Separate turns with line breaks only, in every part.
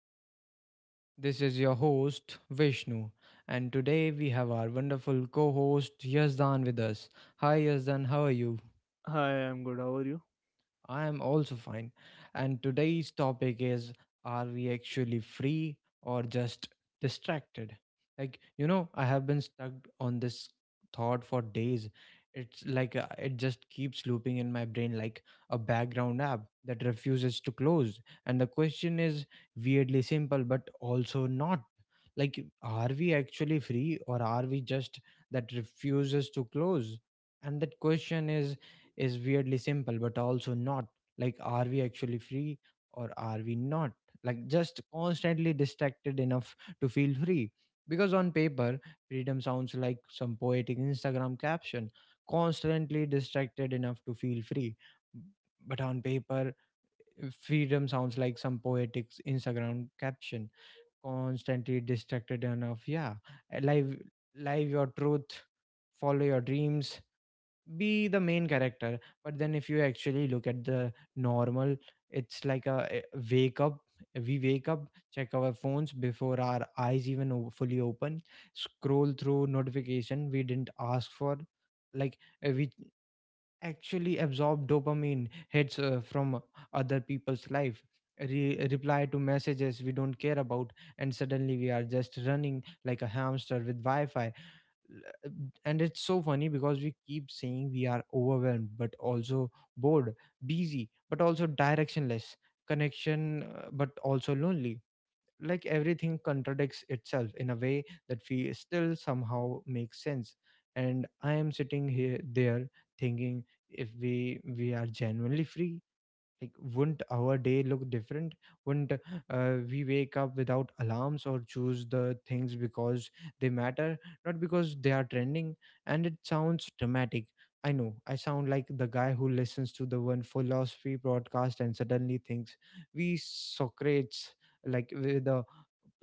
podcast. This is your host, Vishnu. And today we have our wonderful co host, Yazdan, with us. Hi, Yazdan, how are you?
Hi, I'm good. How are you?
I am also fine. And today's topic is, are we actually free or just distracted? Like, you know, I have been stuck on this thought for days. It's like it just keeps looping in my brain like a background app that refuses to close. And the question is weirdly simple, but also not. Like, are we actually free or are we just that refuses to close? And that question is weirdly simple but also not. Like, are we actually free or are we not, like just constantly distracted enough to feel free? Because on paper, freedom sounds like some poetic Instagram caption, constantly distracted enough to feel free. But on paper, freedom sounds like some poetic Instagram caption, constantly distracted enough, yeah. Live, live your truth, follow your dreams, be the main character. But then if you actually look at the normal, it's like a wake up. We wake up, check our phones before our eyes even fully open, scroll through notification we didn't ask for. Like we actually absorb dopamine hits from other people's life. Reply to messages we don't care about, and suddenly we are just running like a hamster with wi-fi. And it's so funny because we keep saying we are overwhelmed but also bored, busy but also directionless, connection but also lonely. Like everything contradicts itself in a way that we still somehow makes sense. And I am sitting here there thinking, if we are genuinely free, like wouldn't our day look different? Wouldn't we wake up without alarms or choose the things because they matter, not because they are trending? And it sounds dramatic, I know. I sound like the guy who listens to the one philosophy broadcast and suddenly thinks we Socrates, like with the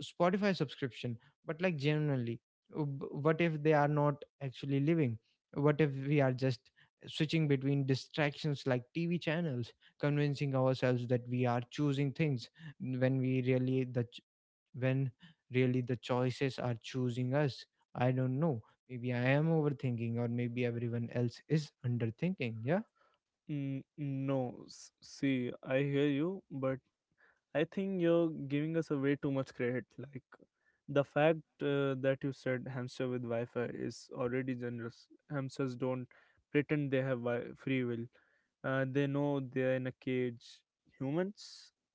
Spotify subscription. But like genuinely, what if they are not actually living? What if we are just switching between distractions like TV channels, convincing ourselves that we are choosing things when we really the ch- when really the choices are choosing us? I don't know. Maybe I am overthinking, or maybe everyone else is underthinking. Yeah.
No, see, I hear you, but I think you're giving us a way too much credit. Like, the fact that you said hamster with Wi Fi is already generous. Hamsters don't pretend they have free will, they know they're in a cage. Humans,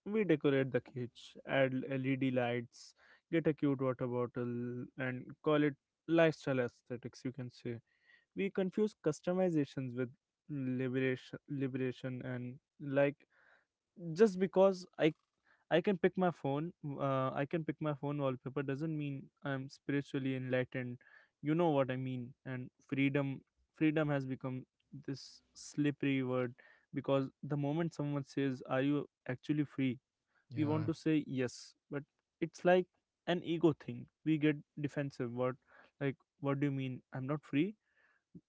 we decorate the cage, add LED lights, get a cute water bottle, and call it lifestyle aesthetics, you can say. We confuse customizations with liberation. And like, just because I can pick my phone, I can pick my phone wallpaper doesn't mean I'm spiritually enlightened, you know what I mean. And freedom has become this slippery word, because the moment someone says, are you actually free, we
Yeah,
want to say yes, but it's like an ego thing. We get defensive. What, like, what do you mean I'm not free?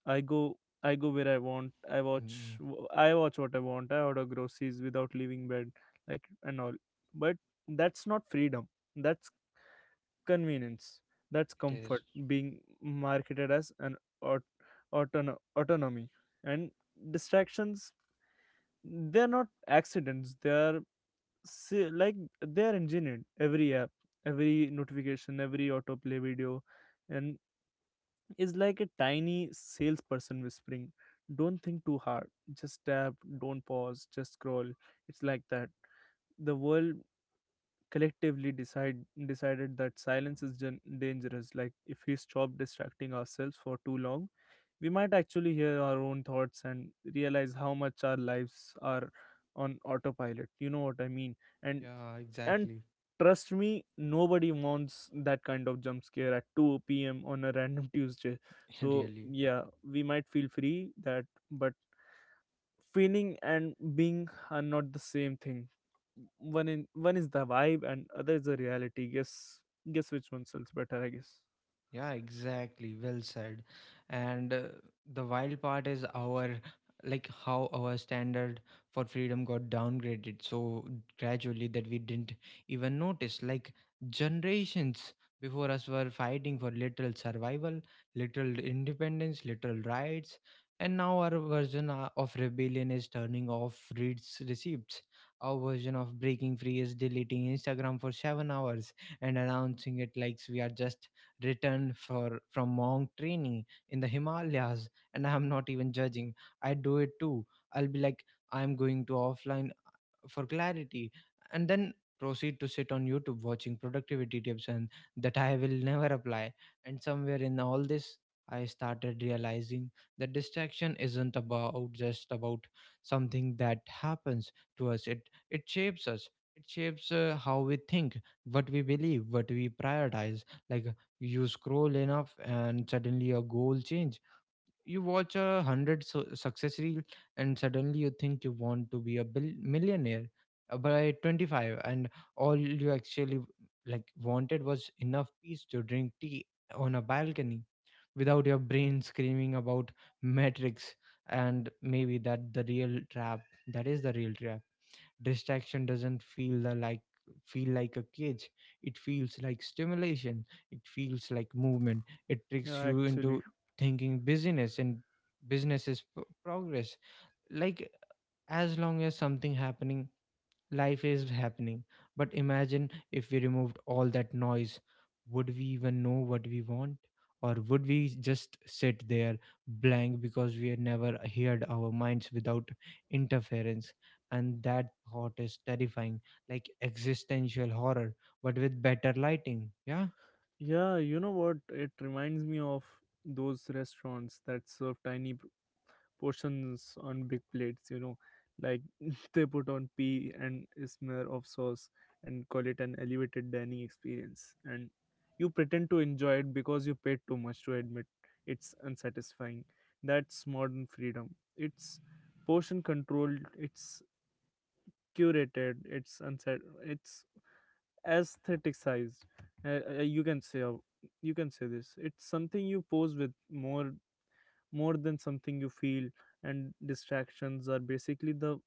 I go I go where I want. I watch
mm,
I watch what I want. I order groceries without leaving bed, like and all. But that's not freedom. That's convenience. That's
it is.
comfort being marketed as an aut- autonomy. And distractions, they're not accidents. They are se- like they are engineered. Every app, every notification, every autoplay video, and is like a tiny salesperson whispering, don't think too hard, just tap, don't pause, just scroll. It's like that. The world collectively decide decided that silence is dangerous. Like, if we stop distracting ourselves for too long, we might actually hear our own thoughts and realize how much our lives are on autopilot, you know what I mean. and
Yeah,
and
exactly.
trust me, nobody wants that kind of jump scare at 2 p.m. on a random Tuesday. So
Really.
yeah, we might feel free, that, but feeling and being are not the same thing. One is the vibe and other is the reality. Guess which one sells better, I guess.
Yeah, exactly. Well said. And the wild part is our like how our standard for freedom got downgraded so gradually that we didn't even notice. Like generations before us were fighting for literal survival, literal independence, literal rights, and now our version of rebellion is turning off reads receipts. Our version of breaking free is deleting Instagram for 7 hours and announcing it like we are just returned for from monk training in the Himalayas, and I'm not even judging. I do it too. I'll be like, I'm going to offline for clarity, and then proceed to sit on YouTube watching productivity tips and that I will never apply. And somewhere in all this, I started realizing that distraction isn't about just about something that happens to us. It shapes us. It shapes how we think, what we believe, what we prioritize. Like, you scroll enough and suddenly your goal changes. You watch a hundred success reel and suddenly you think you want to be a millionaire by 25, and all you actually like wanted was enough peace to drink tea on a balcony without your brain screaming about metrics. And maybe that the real trap, that is the real trap. Distraction doesn't feel like a cage. It feels like stimulation, it feels like movement. It tricks
Yeah,
you
actually,
into thinking business, and business is progress. Like, as long as something happening, life is happening. But imagine if we removed all that noise, would we even know what we want? Or would we just sit there blank because we had never heard our minds without interference? And that thought is terrifying. Like existential horror, but with better lighting. Yeah.
yeah, you know what it reminds me of? Those restaurants that serve tiny portions on big plates, you know, like they put on pea and a smear of sauce and call it an elevated dining experience, and you pretend to enjoy it because you paid too much to admit it's unsatisfying. That's modern freedom. It's portion controlled, it's curated, it's unsat it's aestheticized, you can say, you can say this. It's something you pose with more than something you feel. And distractions are basically the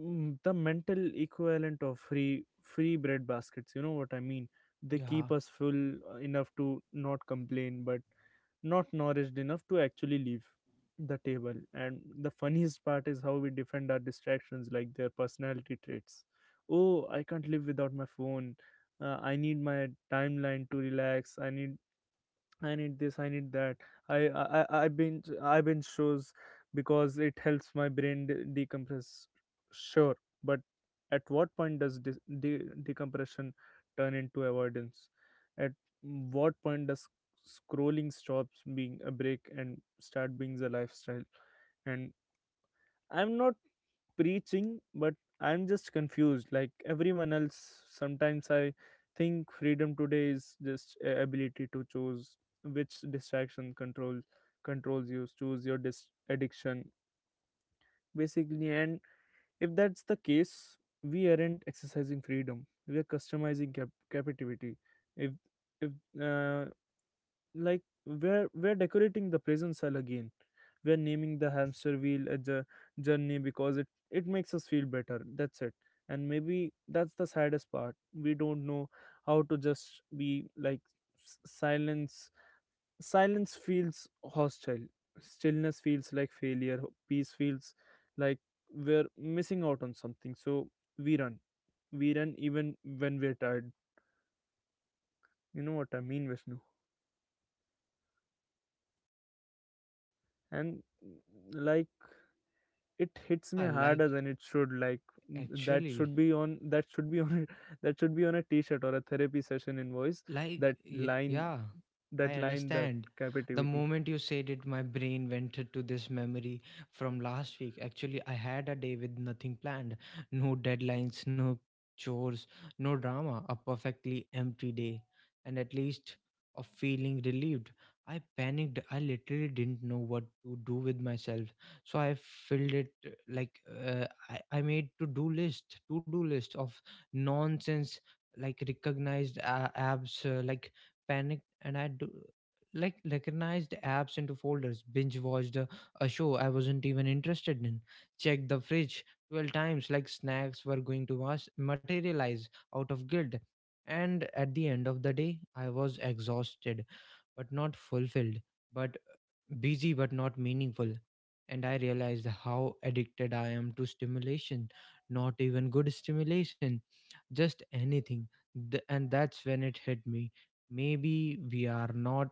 the mental equivalent of free bread baskets, you know what I mean. They
Yeah.
keep us full enough to not complain, but not nourished enough to actually leave the table. And the funniest part is how we defend our distractions like their personality traits. Oh, I can't live without my phone, I need my timeline to relax, I need this, I need that. I binge shows because it helps my brain decompress. Sure, but at what point does decompression turn into avoidance? At what point does scrolling stops being a break and start being a lifestyle? And I'm not preaching, but I'm just confused, like everyone else. Sometimes I think freedom today is just ability to choose which distraction controls you. Choose your addiction, basically. And if that's the case, we aren't exercising freedom. We are customizing captivity. If if uh, like we're decorating the prison cell again. We're naming the hamster wheel a journey because it makes us feel better. That's it. And maybe that's the saddest part. We don't know how to just be. Like s- silence silence feels hostile, stillness feels like failure, peace feels like we're missing out on something. So we run, we run even when we're tired, you know what I mean, Vishnu. And like, it hits me
Yeah,
harder
like
than it should. Like, that should
actually.
be on, that should be on that should be on a t-shirt or a therapy session invoice.
Like,
that line
yeah, I
that line that
understand. The
captivity.
moment you said it, my brain went to this memory from last week. Actually, I had a day with nothing planned, no deadlines, no chores, no drama, a perfectly empty day, and at least of feeling relieved. I panicked. I literally didn't know what to do with myself. So I filled it I made to do list of nonsense, like recognized apps panicked and I do like recognized apps into folders, binge watched a show I wasn't even interested in, checked the fridge 12 times like snacks were going to materialize out of guilt. And at the end of the day, I was exhausted but not fulfilled, but busy but not meaningful. And I realized how addicted I am to stimulation, not even good stimulation, just anything. And that's when it hit me. Maybe we are not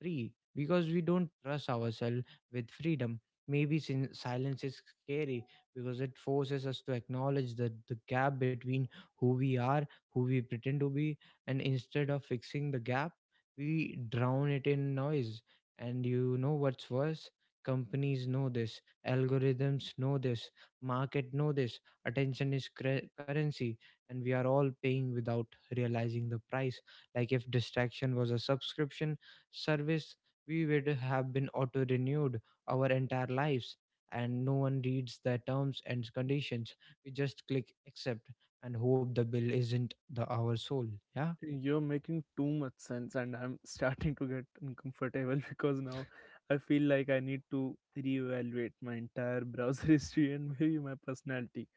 free because we don't trust ourselves with freedom. Maybe silence is scary because it forces us to acknowledge that the gap between who we are, who we pretend to be, and instead of fixing the gap, we drown it in noise. And you know what's worse? Companies know this, algorithms know this, market know this. Attention is currency, and we are all paying without realizing the price. Like, if distraction was a subscription service, we would have been auto renewed our entire lives, and no one reads the terms and conditions. We just click accept and hope the bill isn't the our soul. Yeah.
You're making too much sense, and I'm starting to get uncomfortable because now I feel like I need to reevaluate my entire browser history and maybe my personality.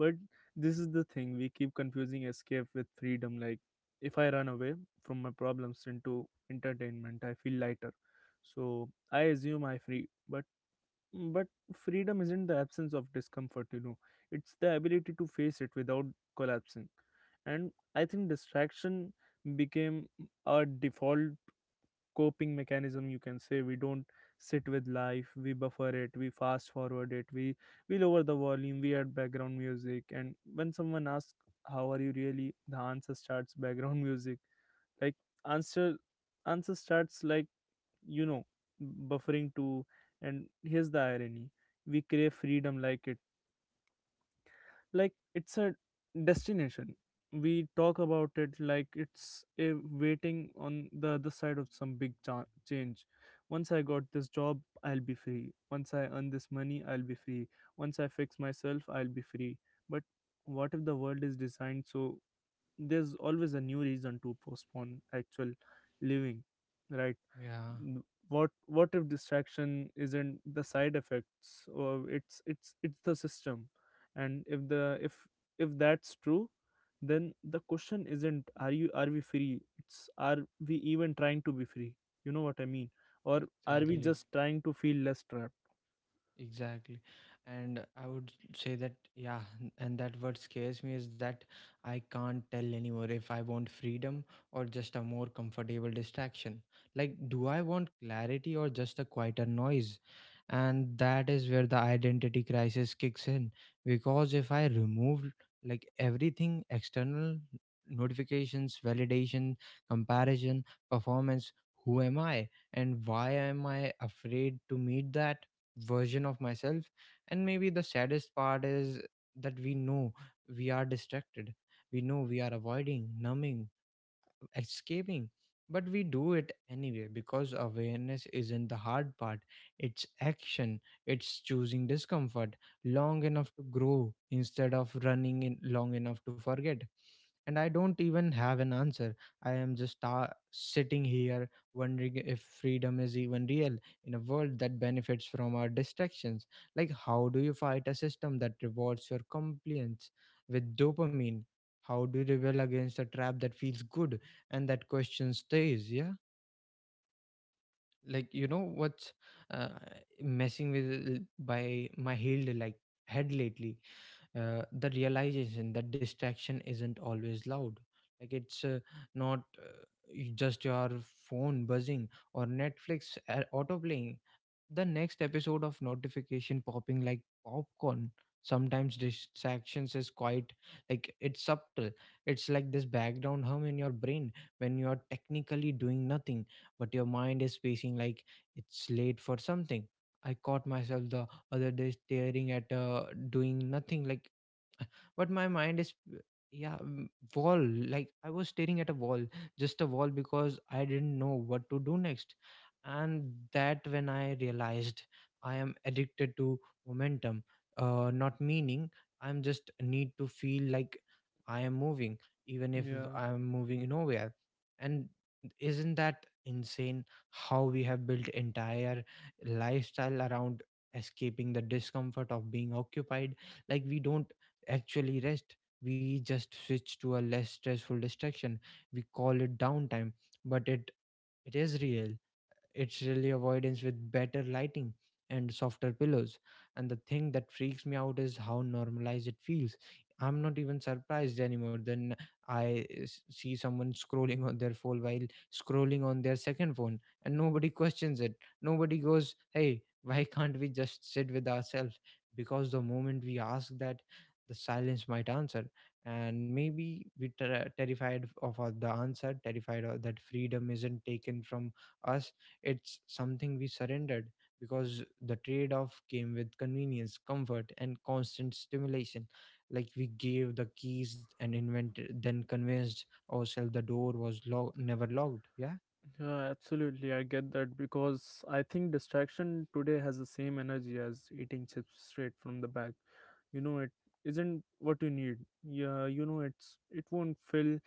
But this is the thing, we keep confusing escape with freedom. Like, if I run away from my problems into entertainment, I feel lighter, so I assume I free, but freedom isn't the absence of discomfort. You know, it's the ability to face it without collapsing. And I think distraction became our default coping mechanism, you can say. We don't sit with life. We buffer it, we fast forward it, we lower the volume, we add background music. And when someone asks how are you really, the answer starts background music. Like, answer answer starts like, you know, buffering too. And here's the irony, we crave freedom like it's a destination. We talk about it like it's a waiting on the other side of some big change. Once I got this job, I'll be free. Once I earn this money, I'll be free. Once I fix myself, I'll be free. But what if the world is designed so there's always a new reason to postpone actual living, right?
Yeah,
What if distraction isn't the side effects, or it's the system? And if that's true, then the question isn't, are you are we free. It's, are we even trying to be free, you know what I mean, or are we
exactly.
just trying to feel less trapped?
Exactly. And I would say that, yeah, and that what scares me is that I can't tell anymore if I want freedom or just a more comfortable distraction. Like, do I want clarity or just a quieter noise? And that is where the identity crisis kicks in. Because if I remove like everything external, notifications, validation, comparison, performance, who am I? And why am I afraid to meet that version of myself? And maybe the saddest part is that we know we are distracted, we know we are avoiding, numbing, escaping, but we do it anyway because awareness isn't the hard part. It's action. It's choosing discomfort long enough to grow instead of running in long enough to forget. And I don't even have an answer. I am just sitting here wondering if freedom is even real in a world that benefits from our distractions. Like, how do you fight a system that rewards your compliance with dopamine? How do you rebel against a trap that feels good? And that question stays. Yeah, like, you know what's uh, messing with by my head lately, the realization that distraction isn't always loud. Like it's not y- just your phone buzzing or Netflix auto playing the next episode of notification popping like popcorn. Sometimes distractions is quite, like it's subtle. It's like this background hum in your brain when you are technically doing nothing, but your mind is pacing like it's late for something. I caught myself the other day staring at doing nothing, like but my mind is yeah m- wall. Like I was staring at a wall, just a wall, because I didn't know what to do next. And that when I realized I am addicted to momentum, not meaning. I'm just need to feel like I am moving, even if
Yeah.
I'm moving nowhere. And isn't that insane how we have built entire lifestyle around escaping the discomfort of being occupied? Like, we don't actually rest. We just switch to a less stressful distraction. We call it downtime, but it is real. It's really avoidance with better lighting and softer pillows. And the thing that freaks me out is how normalized it feels. I'm not even surprised anymore. Then I see someone scrolling on their phone while scrolling on their second phone, and nobody questions it. Nobody goes, hey, why can't we just sit with ourselves? Because the moment we ask that, the silence might answer. And maybe we terrified of the answer, terrified of that freedom isn't taken from us, it's something we surrendered, because the trade off came with convenience, comfort, and constant stimulation. Like, we gave the keys and invented, then convinced ourselves the door was never locked. Yeah.
Yeah, absolutely. I get that, because I think distraction today has the same energy as eating chips straight from the bag. You know, it isn't what you need. Yeah, you know, it's, it won't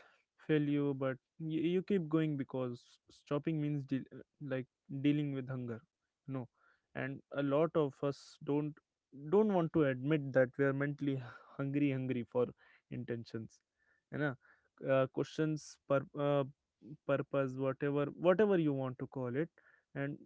fill you, but you keep going because stopping means like dealing with hunger. You know, and a lot of us don't want to admit that we are mentally hungry, hungry for intentions. You know, questions purpose, whatever, whatever you want to call it. and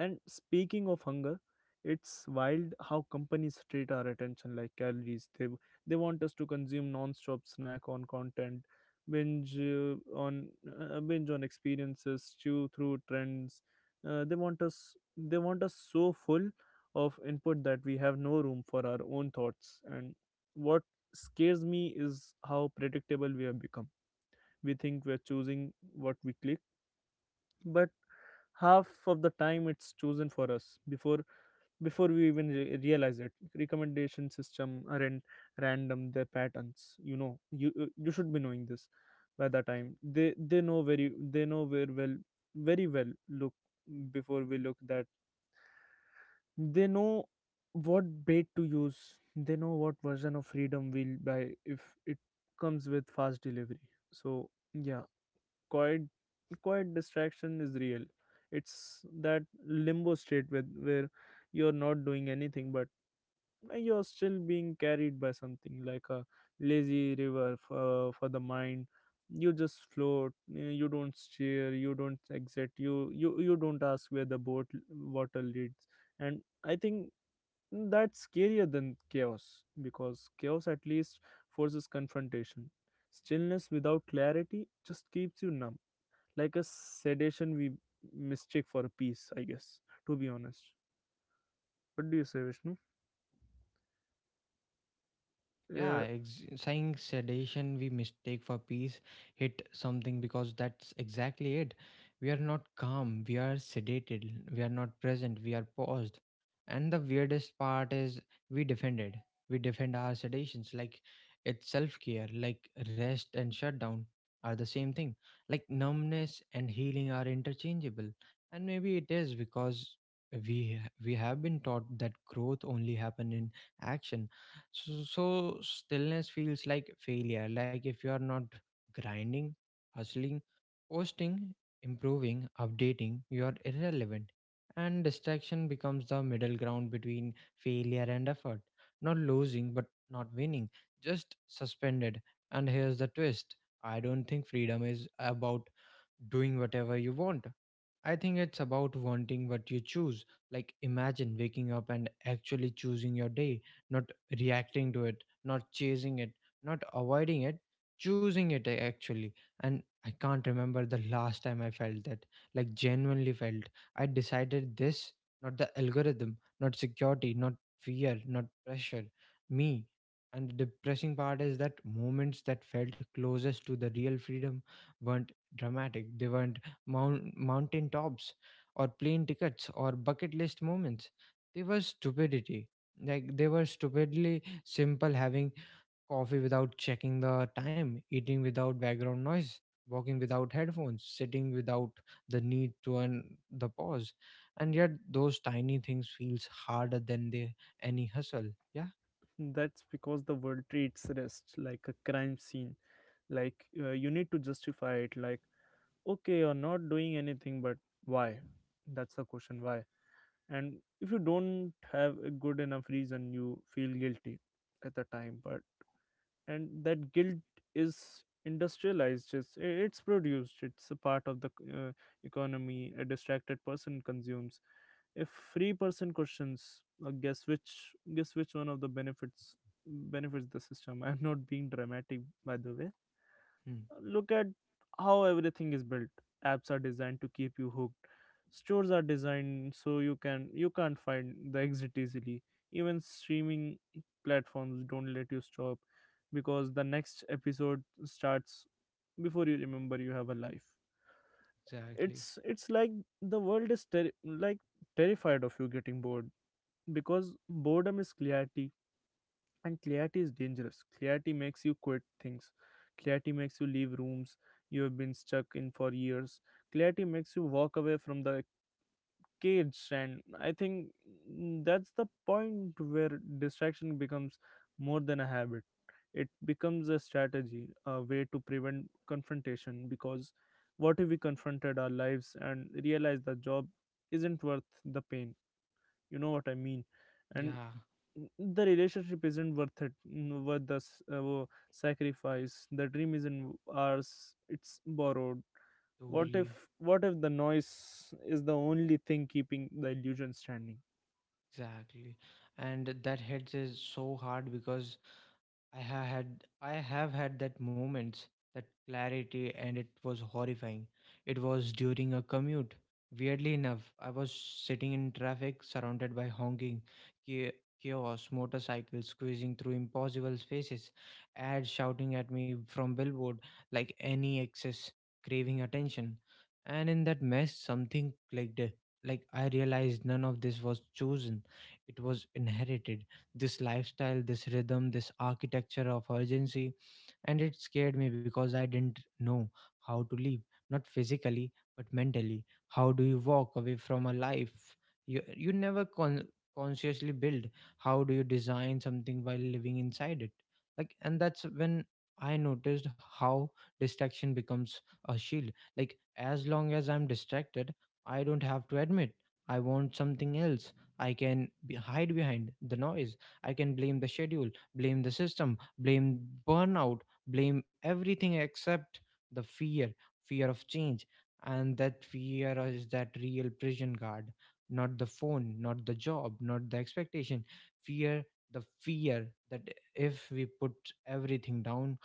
and speaking of hunger, it's wild how companies treat our attention like calories. They want us to consume non-stop, snack on content, binge on binge on experiences, chew through trends. They want us so full of input that we have no room for our own thoughts. And what scares me is how predictable we have become. We think we're choosing what we click, but half of the time it's chosen for us before, before we even realize it. Recommendation system are in random their patterns, you know. You should be knowing this. By the time they know very well, look before we look that, they know what bait to use. They know what version of freedom we'll buy if it comes with fast delivery. So yeah, quiet quiet distraction is real. It's that limbo state with where you're not doing anything, but you're still being carried by something, like a lazy river for the mind. You just float, you don't steer, you don't exit, you don't ask where the boat water leads. And I think that's scarier than chaos, because chaos at least forces confrontation. Stillness without clarity just keeps you numb, like a sedation we mistake for a peace, I guess, to be honest. What do you say, Vishnu?
Yeah,
uh,
saying sedation we mistake for peace hit something, because that's exactly it. We are not calm, we are sedated. We are not present, we are paused. And the weirdest part is we defend it. We defend our sedations like it's self care, like rest and shutdown are the same thing. Like numbness and healing are interchangeable. And maybe it is because we have been taught that growth only happen in action so stillness feels like failure. Like if you are not grinding, hustling, posting, improving, updating, you are irrelevant. And distraction becomes the middle ground between failure and effort. Not losing, but not winning. Just suspended. And here's the twist, I don't think freedom is about doing whatever you want. I think it's about wanting what you choose. Like, imagine waking up and actually choosing your day, not reacting to it, not chasing it, not avoiding it, choosing it actually. And I can't remember the last time I felt that, like, genuinely felt. I decided this, not the algorithm, not security, not fear, not pressure, me. And the depressing part is that moments that felt closest to the real freedom weren't dramatic, they weren't mountain tops or plane tickets or bucket list moments. They were stupidity. Like they were stupidly simple, having coffee without checking the time, eating without background noise, walking without headphones, sitting without the need to earn the pause. And yet those tiny things feels harder than they any hustle. Yeah?
that's because the world treats rest like a crime scene. Like, you need to justify it. Like, okay, you're not doing anything, but why? That's the question, why? And if you don't have a good enough reason, you feel guilty at the time. But, and that guilt is industrialized. It's produced, it's a part of the economy. A distracted person consumes, if free person questions. Guess which, guess which one of the benefits the system. I'm not being dramatic, by the way.
Hmm.
Look at how everything is built. Apps are designed to keep you hooked. Stores are designed so you can you can't find the exit easily. Even streaming platforms don't let you stop because the next episode starts before you remember you have a life.
Exactly.
It's like the world is like terrified of you getting bored, because boredom is clarity, and clarity is dangerous. Clarity makes you quit things. Clarity makes you leave rooms you have been stuck in for years. Clarity makes you walk away from the cage. And I think that's the point where distraction becomes more than a habit. It becomes a strategy, a way to prevent confrontation. Because what if we confronted our lives and realized the job isn't worth the pain? You know what I mean? And
Yeah,
the relationship isn't worth it, worth the sacrifice. The dream isn't ours, it's borrowed. what if
totally.
what if the noise is the only thing keeping the illusion standing?
Exactly. And that hits is so hard because I have had that moment, that clarity, and it was horrifying. It was during a commute. Weirdly enough, I was sitting in traffic, surrounded by honking, cha- chaos, motorcycles squeezing through impossible spaces, ads shouting at me from billboard like any excess craving attention. And in that mess, something clicked. Like I realized none of this was chosen; it was inherited, this lifestyle, this rhythm, this architecture of urgency. And it scared me because I didn't know how to live, not physically, but mentally. How do you walk away from a life you never consciously build? How do you design something while living inside it? Like, and that's when I noticed how distraction becomes a shield. Like, as long as I'm distracted, I don't have to admit I want something else. I can be, hide behind the noise. I can blame the schedule, blame the system, blame burnout, blame everything except the fear, fear of change. And that fear is that real prison guard, not the phone, not the job, not the expectation. Fear, the fear that if we put everything down,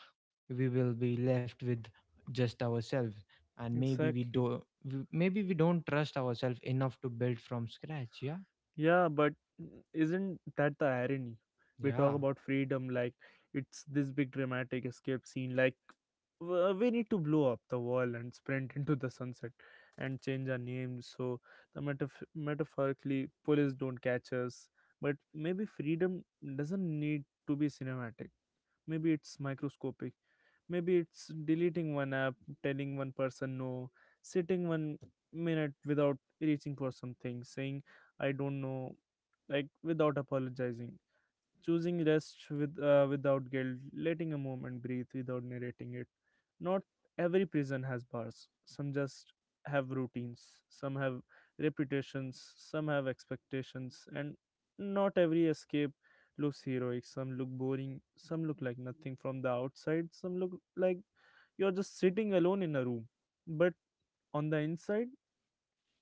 we will be left with just ourselves. And maybe
Exactly.
maybe we don't trust ourselves enough to build from scratch. Yeah.
Yeah, but isn't that the irony? We talk
Yeah.
about freedom like it's this big dramatic escape scene, like we need to blow up the wall and sprint into the sunset and change our names so the metaphorically police don't catch us. But maybe freedom doesn't need to be cinematic. Maybe it's microscopic. Maybe it's deleting one app, telling one person no, sitting one minute without reaching for something, saying I don't know, like, without apologizing, choosing rest without guilt, letting a moment breathe without narrating it. Not every prison has bars. Some just have routines. Some have reputations. Some have expectations. And not every escape looks heroic. Some look boring. Some look like nothing from the outside. Some look like you're just sitting alone in a room. But on the inside,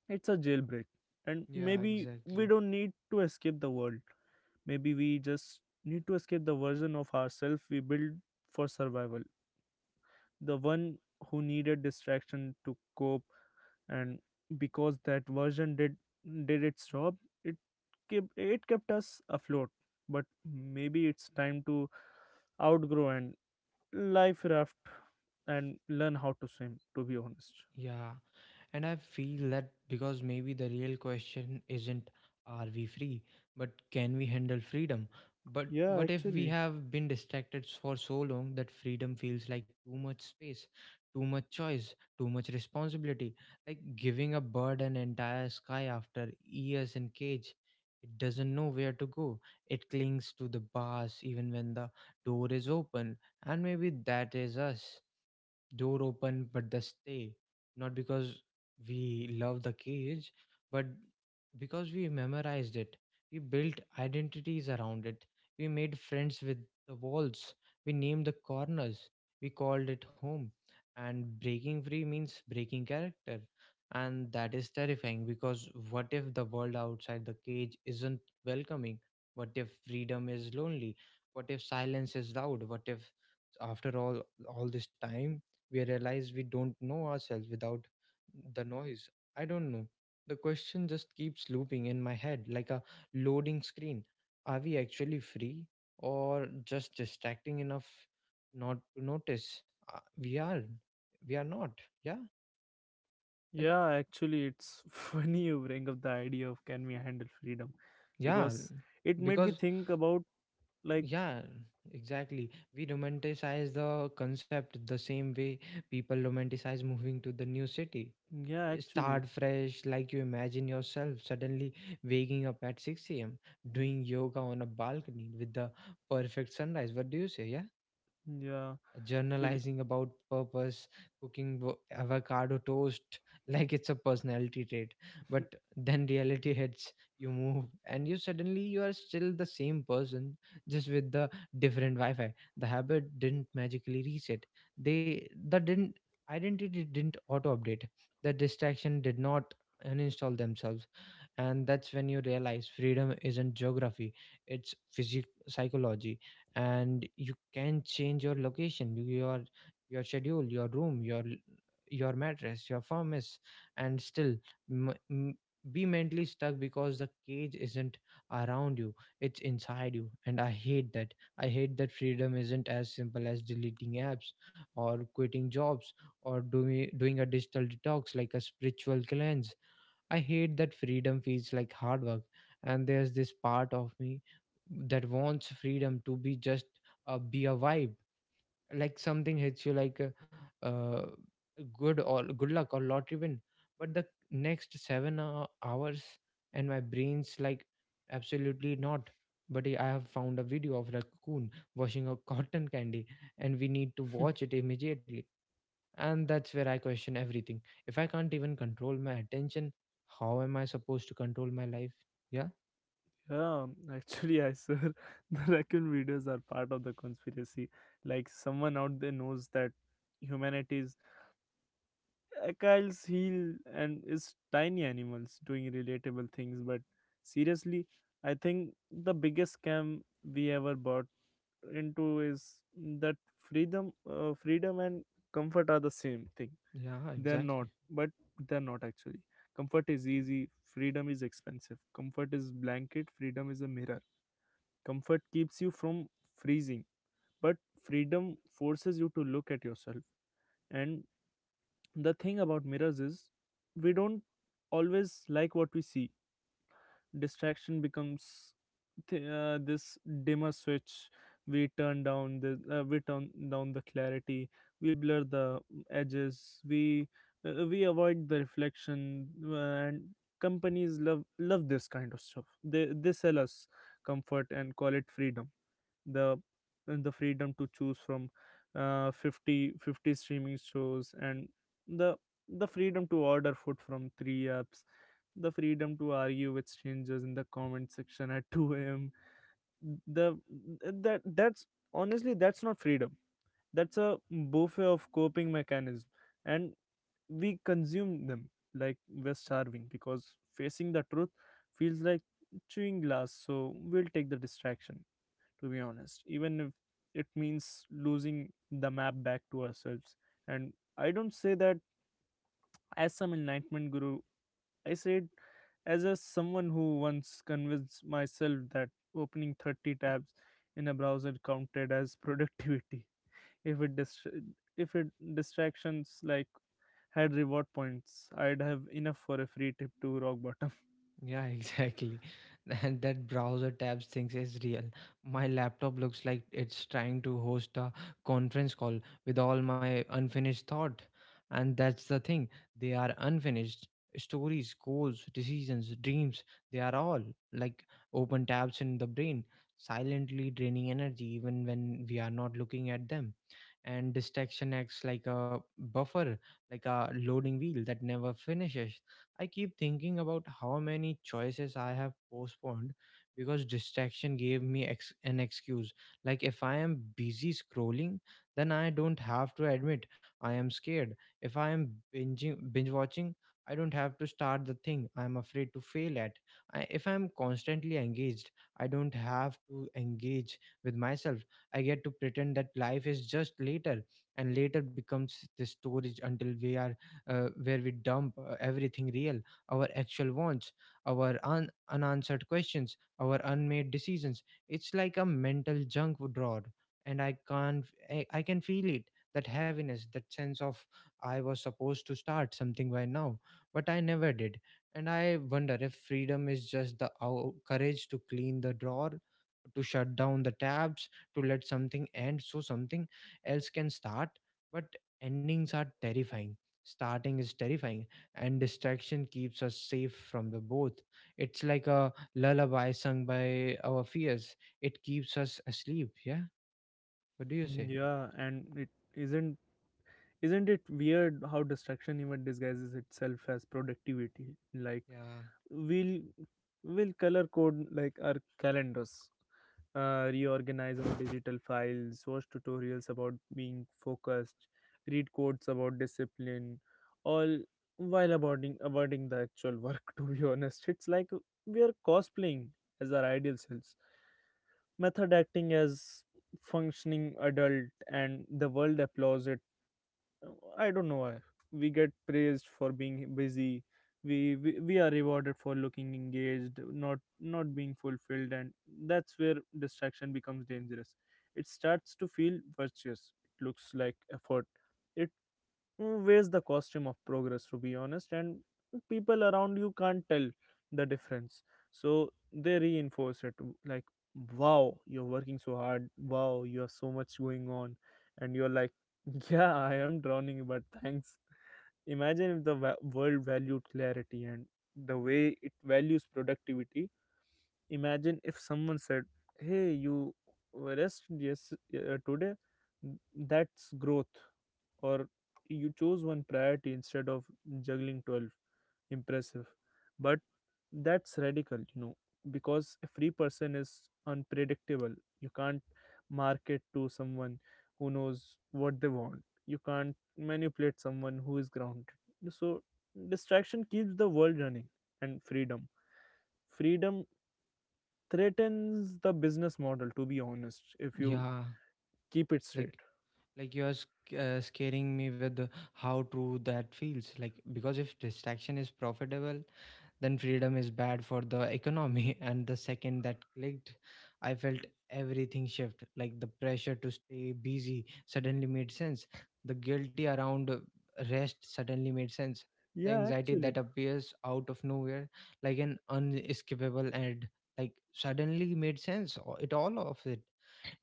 it's a jailbreak. And
Yeah.
maybe we
Exactly.
don't need to escape the world. Maybe we just need to escape the version of ourselves we build for survival. The one who needed distraction to cope. And because that version did its job, it it kept us afloat. But maybe it's time to outgrow and life raft and learn how to swim, to be honest.
Yeah. And I feel that because maybe the real question isn't are we free, but can we handle freedom? But
Yeah,
what if we
actually.
have been distracted for so long that freedom feels like too much space, too much choice, too much responsibility? Like giving a bird an entire sky after years in cage. It doesn't know where to go. It clings to the bars even when the door is open. And maybe that is us, door open but the stay, not because we love the cage but because we memorized it, we built identities around it, we made friends with the walls, we named the corners, we called it home. And breaking free means breaking character, and that is terrifying because what if the world outside the cage isn't welcoming, what if freedom is lonely, what if silence is loud, what if after all this time we realize we don't know ourselves without the noise. I don't know. The question just keeps looping in my head like a loading screen. Are we actually free or just distracting enough not to notice? We are. We are not. Yeah. Like,
Yeah, actually, it's funny you bring up the idea of, can we handle freedom,
yeah.
because it made me
Because,
think about, like.
yeah, exactly. We romanticize the concept the same way people romanticize moving to the new city,
Yeah, actually.
start fresh. Like you imagine yourself suddenly waking up at 6 a.m., doing yoga on a balcony with the perfect sunrise, what do you say, yeah,
Yeah, actually.
journalizing about purpose, cooking avocado toast like it's a personality trait. But then reality hits, you move, and you suddenly you are still the same person, just with the different Wi-Fi. The habit didn't magically reset. They the didn't identity didn't auto update. The distraction did not uninstall themselves. And that's when you realize freedom isn't geography, it's physic psychology. And you can change your location, your schedule, your room, your mattress, your furnace, and still m- m- be mentally stuck because the cage isn't around you, it's inside you. And I hate that, I hate that freedom isn't as simple as deleting apps or quitting jobs or doing a digital detox like a spiritual cleanse. I hate that freedom feels like hard work, and there's this part of me that wants freedom to be just be a vibe, like something hits you like a, uh, good or good luck or lottery win. But the next seven hours, and my brain's like absolutely not. But I have found a video of raccoon washing a cotton candy, and we need to watch it immediately. And that's where I question everything. If I can't even control my attention, how am I supposed to control my life? Yeah.
Yeah, actually, I swear, the raccoon videos are part of the conspiracy. Like, someone out there knows that humanity is Achilles heel and is tiny animals doing relatable things. But seriously, I think the biggest scam we ever bought into is that freedom and comfort are the same thing.
Yeah,
They're not,
exactly.
but they're not actually. Comfort is easy, freedom is expensive. Comfort is blanket, freedom is a mirror. Comfort keeps you from freezing, but freedom forces you to look at yourself. And the thing about mirrors is we don't always like what we see. Distraction becomes this dimmer switch. We turn down the clarity. We blur the edges. We avoid the reflection. And companies love this kind of stuff. They sell us comfort and call it freedom. The the freedom to choose from fifty streaming shows, and the the freedom to order food from three apps, the freedom to argue with strangers in the comment section at 2 a.m. The that that's Honestly, that's not freedom. That's a buffet of coping mechanism, and we consume them like we're starving, because facing the truth feels like chewing glass. So we'll take the distraction, to be honest, even if it means losing the map back to ourselves. And I don't say that as some enlightenment guru. I say it as a someone who once convinced myself that opening 30 tabs in a browser counted as productivity. if it dist- if it distractions like had reward points, I'd have enough for a free trip to rock bottom.
Yeah, exactly. And that browser tabs things is real. My laptop looks like it's trying to host a conference call with all my unfinished thought. And that's the thing. They are unfinished. Stories, goals, decisions, dreams, they are all like open tabs in the brain, silently draining energy even when we are not looking at them. And distraction acts like a buffer, like a loading wheel that never finishes. I keep thinking about how many choices I have postponed because distraction gave me an excuse. Like, if I am busy scrolling, then I don't have to admit I am scared. If I am binge watching, I don't have to start the thing I'm afraid to fail at. If I'm constantly engaged, I don't have to engage with myself. I get to pretend that life is just later, and later becomes the storage until we are where we dump everything real, our actual wants, our unanswered questions, our unmade decisions. It's like a mental junk drawer, and I can't, I can feel it. That heaviness, that sense of I was supposed to start something by now, but I never did. And I wonder if freedom is just the courage to clean the drawer, to shut down the tabs, to let something end so something else can start. But endings are terrifying, starting is terrifying, and distraction keeps us safe from the both. It's like a lullaby sung by our fears, it keeps us asleep. Yeah, what do you say?
Yeah, and it isn't it weird how distraction even disguises itself as productivity? Like,
Yeah.
we'll we'll color code, like, our calendars, reorganize our digital files, watch tutorials about being focused, read quotes about discipline, all while avoiding the actual work, to be honest. It's like we are cosplaying as our ideal selves, method acting as functioning adult, and the world applauds it. I don't know why. We get praised for being busy. We are rewarded for looking engaged, not being fulfilled, and that's where distraction becomes dangerous. It starts to feel virtuous. It looks like effort. It wears the costume of progress, to be honest. And people around you can't tell the difference, so they reinforce it, like, wow, you're working so hard, wow, you have so much going on, and you're like, yeah, I am drowning, but thanks. Imagine if the world valued clarity and the way it values productivity. Imagine if someone said, hey, you rest, yes, today, that's growth. Or you chose one priority instead of juggling 12. Impressive. But that's radical, you know, because a free person is unpredictable. You can't market to someone who knows what they want, you can't manipulate someone who is grounded. So, distraction keeps the world running, and freedom threatens the business model, to be honest, if you
Yeah,
keep it
like,
straight.
like you are scaring me with how true that feels like, because if distraction is profitable then freedom is bad for the economy. And the second that clicked, I felt everything shift. Like the pressure to stay busy suddenly made sense, the guilty around rest suddenly made sense, the
Yeah,
anxiety
actually.
that appears out of nowhere like an unescapable end, like suddenly made sense, it all of it,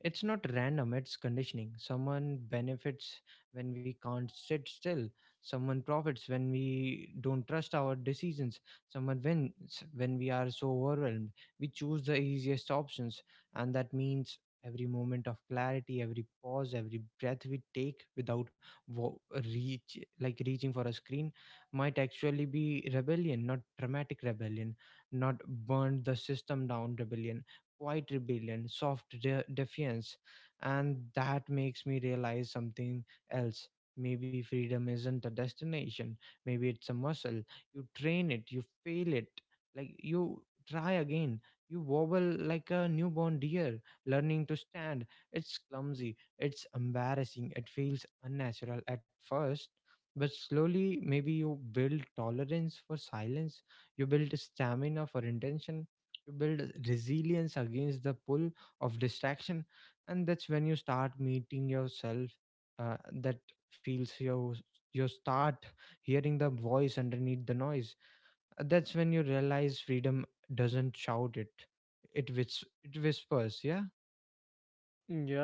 it's not random, it's conditioning. Someone benefits when we can't sit still. Someone profits when we don't trust our decisions. Someone wins when we are so overwhelmed. We choose the easiest options, and that means every moment of clarity, every pause, every breath we take without reaching for a screen might actually be rebellion, not dramatic rebellion, not burn the system down rebellion, quiet rebellion, soft defiance. And that makes me realize something else. Maybe freedom isn't a destination, maybe it's a muscle. You train it, you fail it, like you try again. You wobble like a newborn deer, learning to stand. It's clumsy, it's embarrassing, it feels unnatural at first, but slowly maybe you build tolerance for silence, you build stamina for intention, you build resilience against the pull of distraction, and that's when you start meeting yourself. That feels your You start hearing the voice underneath the noise. That's when you realize freedom doesn't shout, it whispers. Yeah.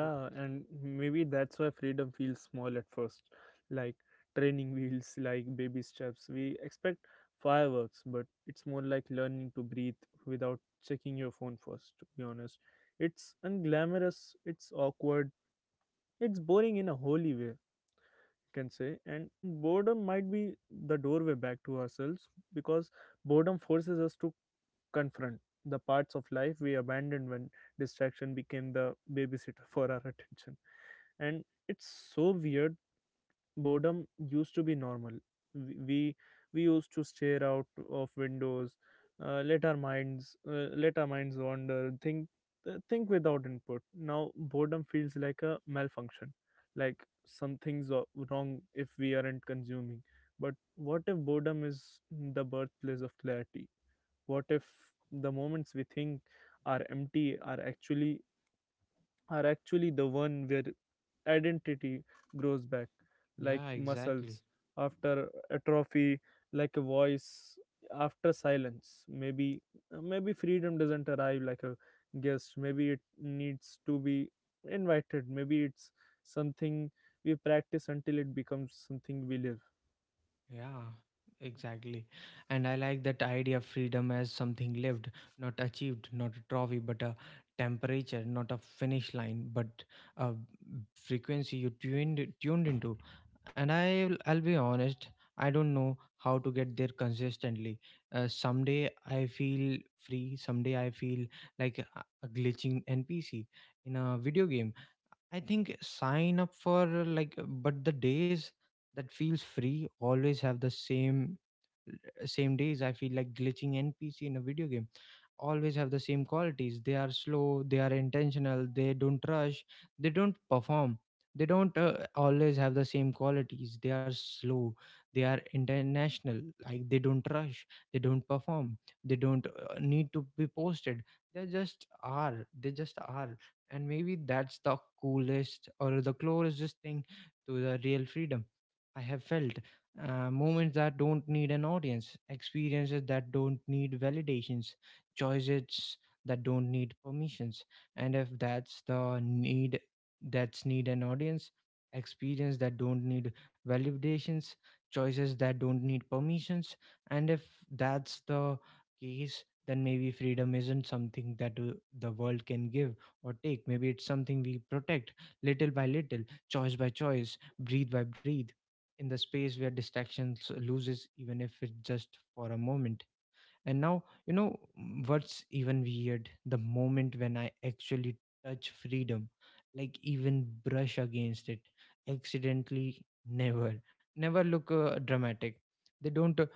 W-
and maybe that's why freedom feels small at first, like training wheels, like baby steps. We expect fireworks, but it's more like learning to breathe without checking your phone first, to be honest. It's unglamorous, it's awkward, it's boring in a holy way, you can say. And boredom might be the doorway back to ourselves, because boredom forces us to confront the parts of life we abandoned when distraction became the babysitter for our attention. And it's so weird. Boredom used to be normal. We we, we used to stare out of windows, let our minds wander, think without input. Now boredom feels like a malfunction, like something's wrong if we aren't consuming. But what if boredom is the birthplace of clarity? What if the moments we think are empty are actually the one where identity grows back,
yeah,
like
exactly.
muscles after atrophy, like a voice after silence. Maybe freedom doesn't arrive like a guest. Maybe it needs to be invited. Maybe it's something we practice until it becomes something we live.
Yeah, exactly. And I like that idea of freedom as something lived, not achieved, not a trophy, but a temperature, not a finish line, but a frequency you tuned into. And I'll be honest, I don't know how to get there consistently. Someday I feel free, someday I feel like a glitching NPC in a video game. I think sign up for like, But the days that feels free always have the same same days I feel like glitching npc in a video game always have the same qualities. They are slow, they are intentional, they don't rush, they don't perform, they don't always have the same qualities they are slow they are international like they don't rush, they don't perform, they don't need to be posted. They just are. And maybe that's the coolest or the closest thing to the real freedom I have felt. Moments that don't need an audience, experiences that don't need validations, choices that don't need permissions. And if that's the need that's need an audience, experience that don't need validations, choices that don't need permissions, And if that's the case, then maybe freedom isn't something that the world can give or take. Maybe it's something we protect little by little, choice by choice, breathe by breathe, in the space where distractions loses, even if it's just for a moment. And now, you know what's even weird? The moment when I actually touch freedom, like even brush against it, accidentally, never, never look dramatic. They don't uh,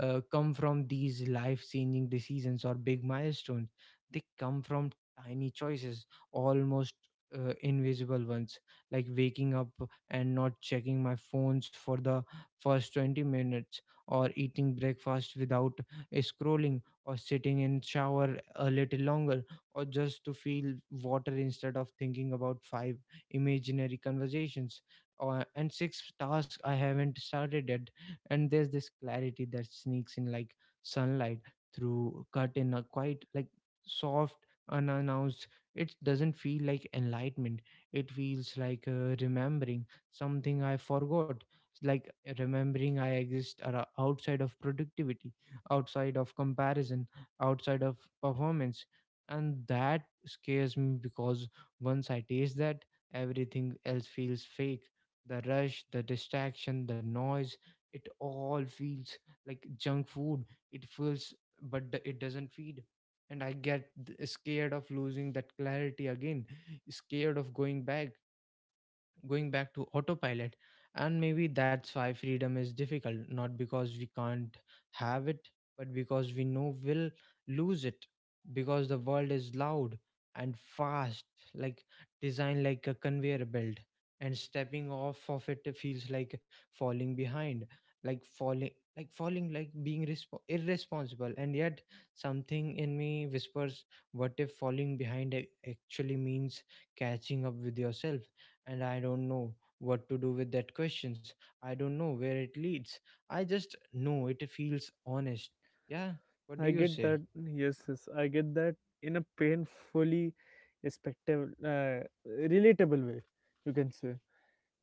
uh, come from these life changing decisions or big milestones. They come from tiny choices, almost invisible ones, like waking up and not checking my phones for the first 20 minutes, or eating breakfast without scrolling, or sitting in shower a little longer, or just to feel water instead of thinking about five imaginary conversations, or and six tasks I haven't started yet. And there's this clarity that sneaks in like sunlight through curtain, a quite like soft, unannounced. It doesn't feel like enlightenment, it feels like remembering something I forgot. It's like remembering I exist outside of productivity, outside of comparison, outside of performance. And that scares me because once I taste that, everything else feels fake. The rush, the distraction, the noise, it all feels like junk food. It feels, but it doesn't feed. And I get scared of losing that clarity again, scared of going back to autopilot. And maybe that's why freedom is difficult, not because we can't have it, but because we know we'll lose it, because the world is loud and fast, like designed like a conveyor belt, and stepping off of it feels like falling behind, like falling, like falling, like being irresponsible. And yet something in me whispers, what if falling behind actually means catching up with yourself? And I don't know what to do with that questions. I don't know where it leads. I just know it feels honest. Yeah, what do
I
you
get
say?
that. Yes, yes, I get that in a painfully respectable, relatable way, you can say.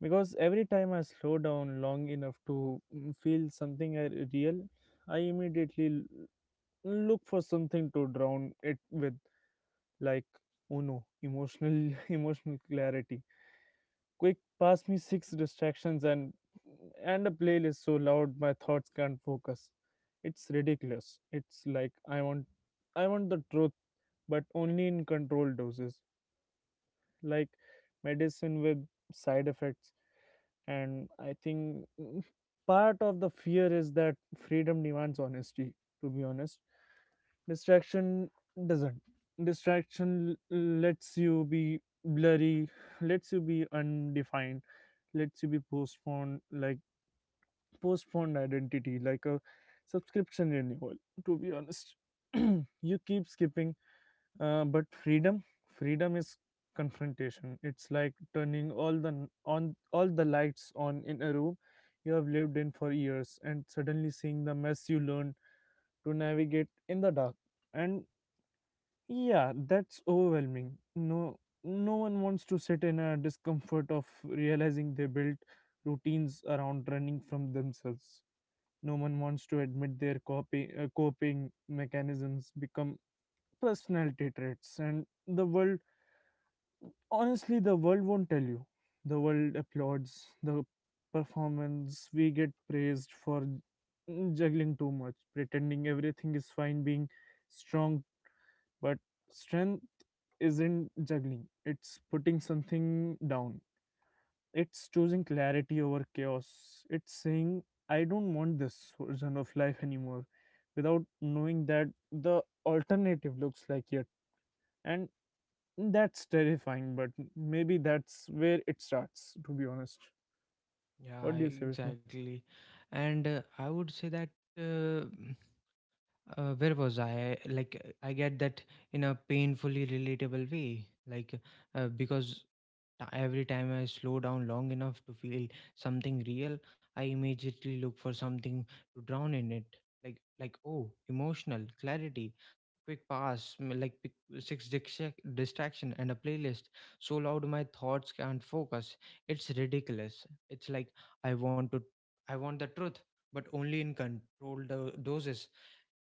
Because every time I slow down long enough to feel something real, I immediately look for something to drown it with, like, Uno, emotional clarity. Quick, pass me six distractions, and a playlist so loud my thoughts can't focus. It's ridiculous. It's like I want the truth, but only in controlled doses, like medicine with side effects. And I think, part of the fear is that freedom demands honesty. To be honest, distraction doesn't. Distraction lets you be blurry, lets you be undefined. Let's you be postponed, like postponed identity, like a subscription renewal, to be honest. You keep skipping, but freedom is confrontation. It's like turning all the lights on in a room you have lived in for years, and suddenly seeing the mess you learned to navigate in the dark. And yeah, that's overwhelming. No, no one wants to sit in a discomfort of realizing they built routines around running from themselves. No one wants to admit their copy coping mechanisms become personality traits, and the world, honestly, the world won't tell you. The world applauds the performance. We get praised for juggling too much, pretending everything is fine, being strong. But strength isn't juggling, it's putting something down. It's choosing clarity over chaos. It's saying, I don't want this version of life anymore, without knowing that the alternative looks like it. And that's terrifying, but maybe that's where it starts, to be honest. What do
Yeah,
you say, Vishnu?
exactly. And I would say that, uh, where was I? Like, I get that in a painfully relatable way. Like, because every time I slow down long enough to feel something real, I immediately look for something to drown in it. Like oh, emotional clarity, quick pass, six distraction and a playlist so loud my thoughts can't focus. It's ridiculous. It's like I want to, I want the truth, but only in controlled doses,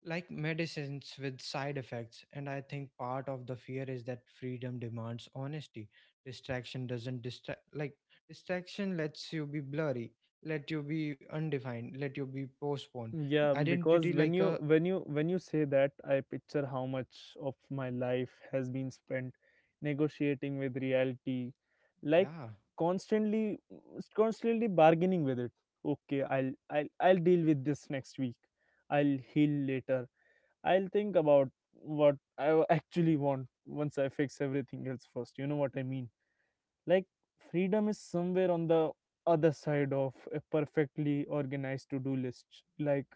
like medicines with side effects. And I think part of the fear is that freedom demands honesty. Distraction doesn't distract, like Distraction lets you be blurry, let you be undefined, let you be postponed.
Yeah, because
Identity like a,
when you say that, I picture how much of my life has been spent negotiating with reality, like,
yeah.
constantly constantly bargaining with it. Okay, I'll deal with this next week. I'll heal later. I'll think about what I actually want once I fix everything else first, you know what I mean? Like, freedom is somewhere on the other side of a perfectly organized to do list, like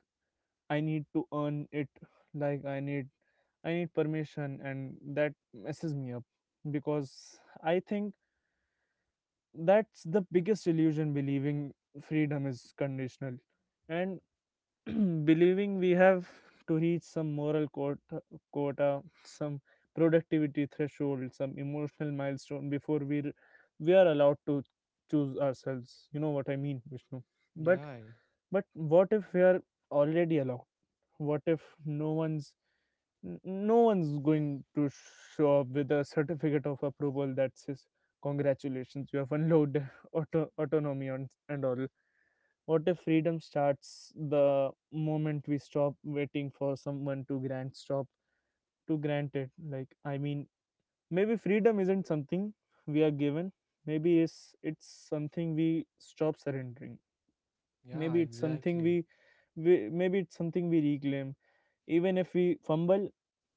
I need to earn it, like I need permission. And that messes me up, because I think that's the biggest illusion, believing freedom is conditional. And believing we have to reach some moral quota, some productivity threshold, some emotional milestone before we are allowed to choose ourselves, you know what I mean, Vishnu? but
Yeah,
but what if we are already allowed? What if no one's going to show up with a certificate of approval that says, congratulations, you have unlocked autonomy on, and all? What if freedom starts the moment we stop waiting for someone to grant stop to grant it? Like, I mean, maybe freedom isn't something we are given. Maybe it's something we stop surrendering.
yeah,
maybe it's something
exactly.
we, Maybe it's something we reclaim, even if we fumble,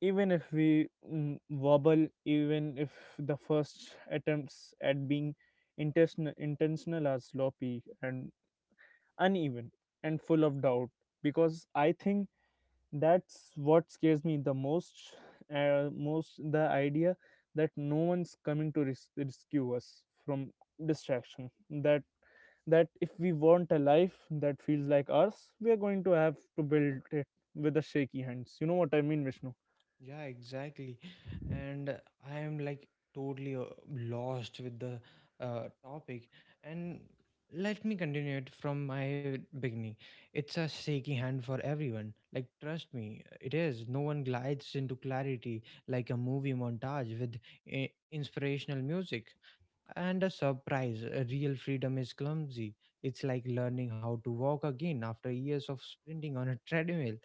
even if we wobble, even if the first attempts at being intentional are sloppy and uneven and full of doubt. Because I think that's what scares me the most, the idea that no one's coming to rescue us from distraction, that if we want a life that feels like ours, we are going to have to build it with the shaky hands, you know what I mean, Vishnu?
Yeah, exactly. And I am like totally lost with the topic. And let me continue it from my beginning. It's a shaky hand for everyone. Like, trust me, it is. No one glides into clarity like a movie montage with inspirational music. And a surprise, real freedom is clumsy. It's like learning how to walk again after years of sprinting on a treadmill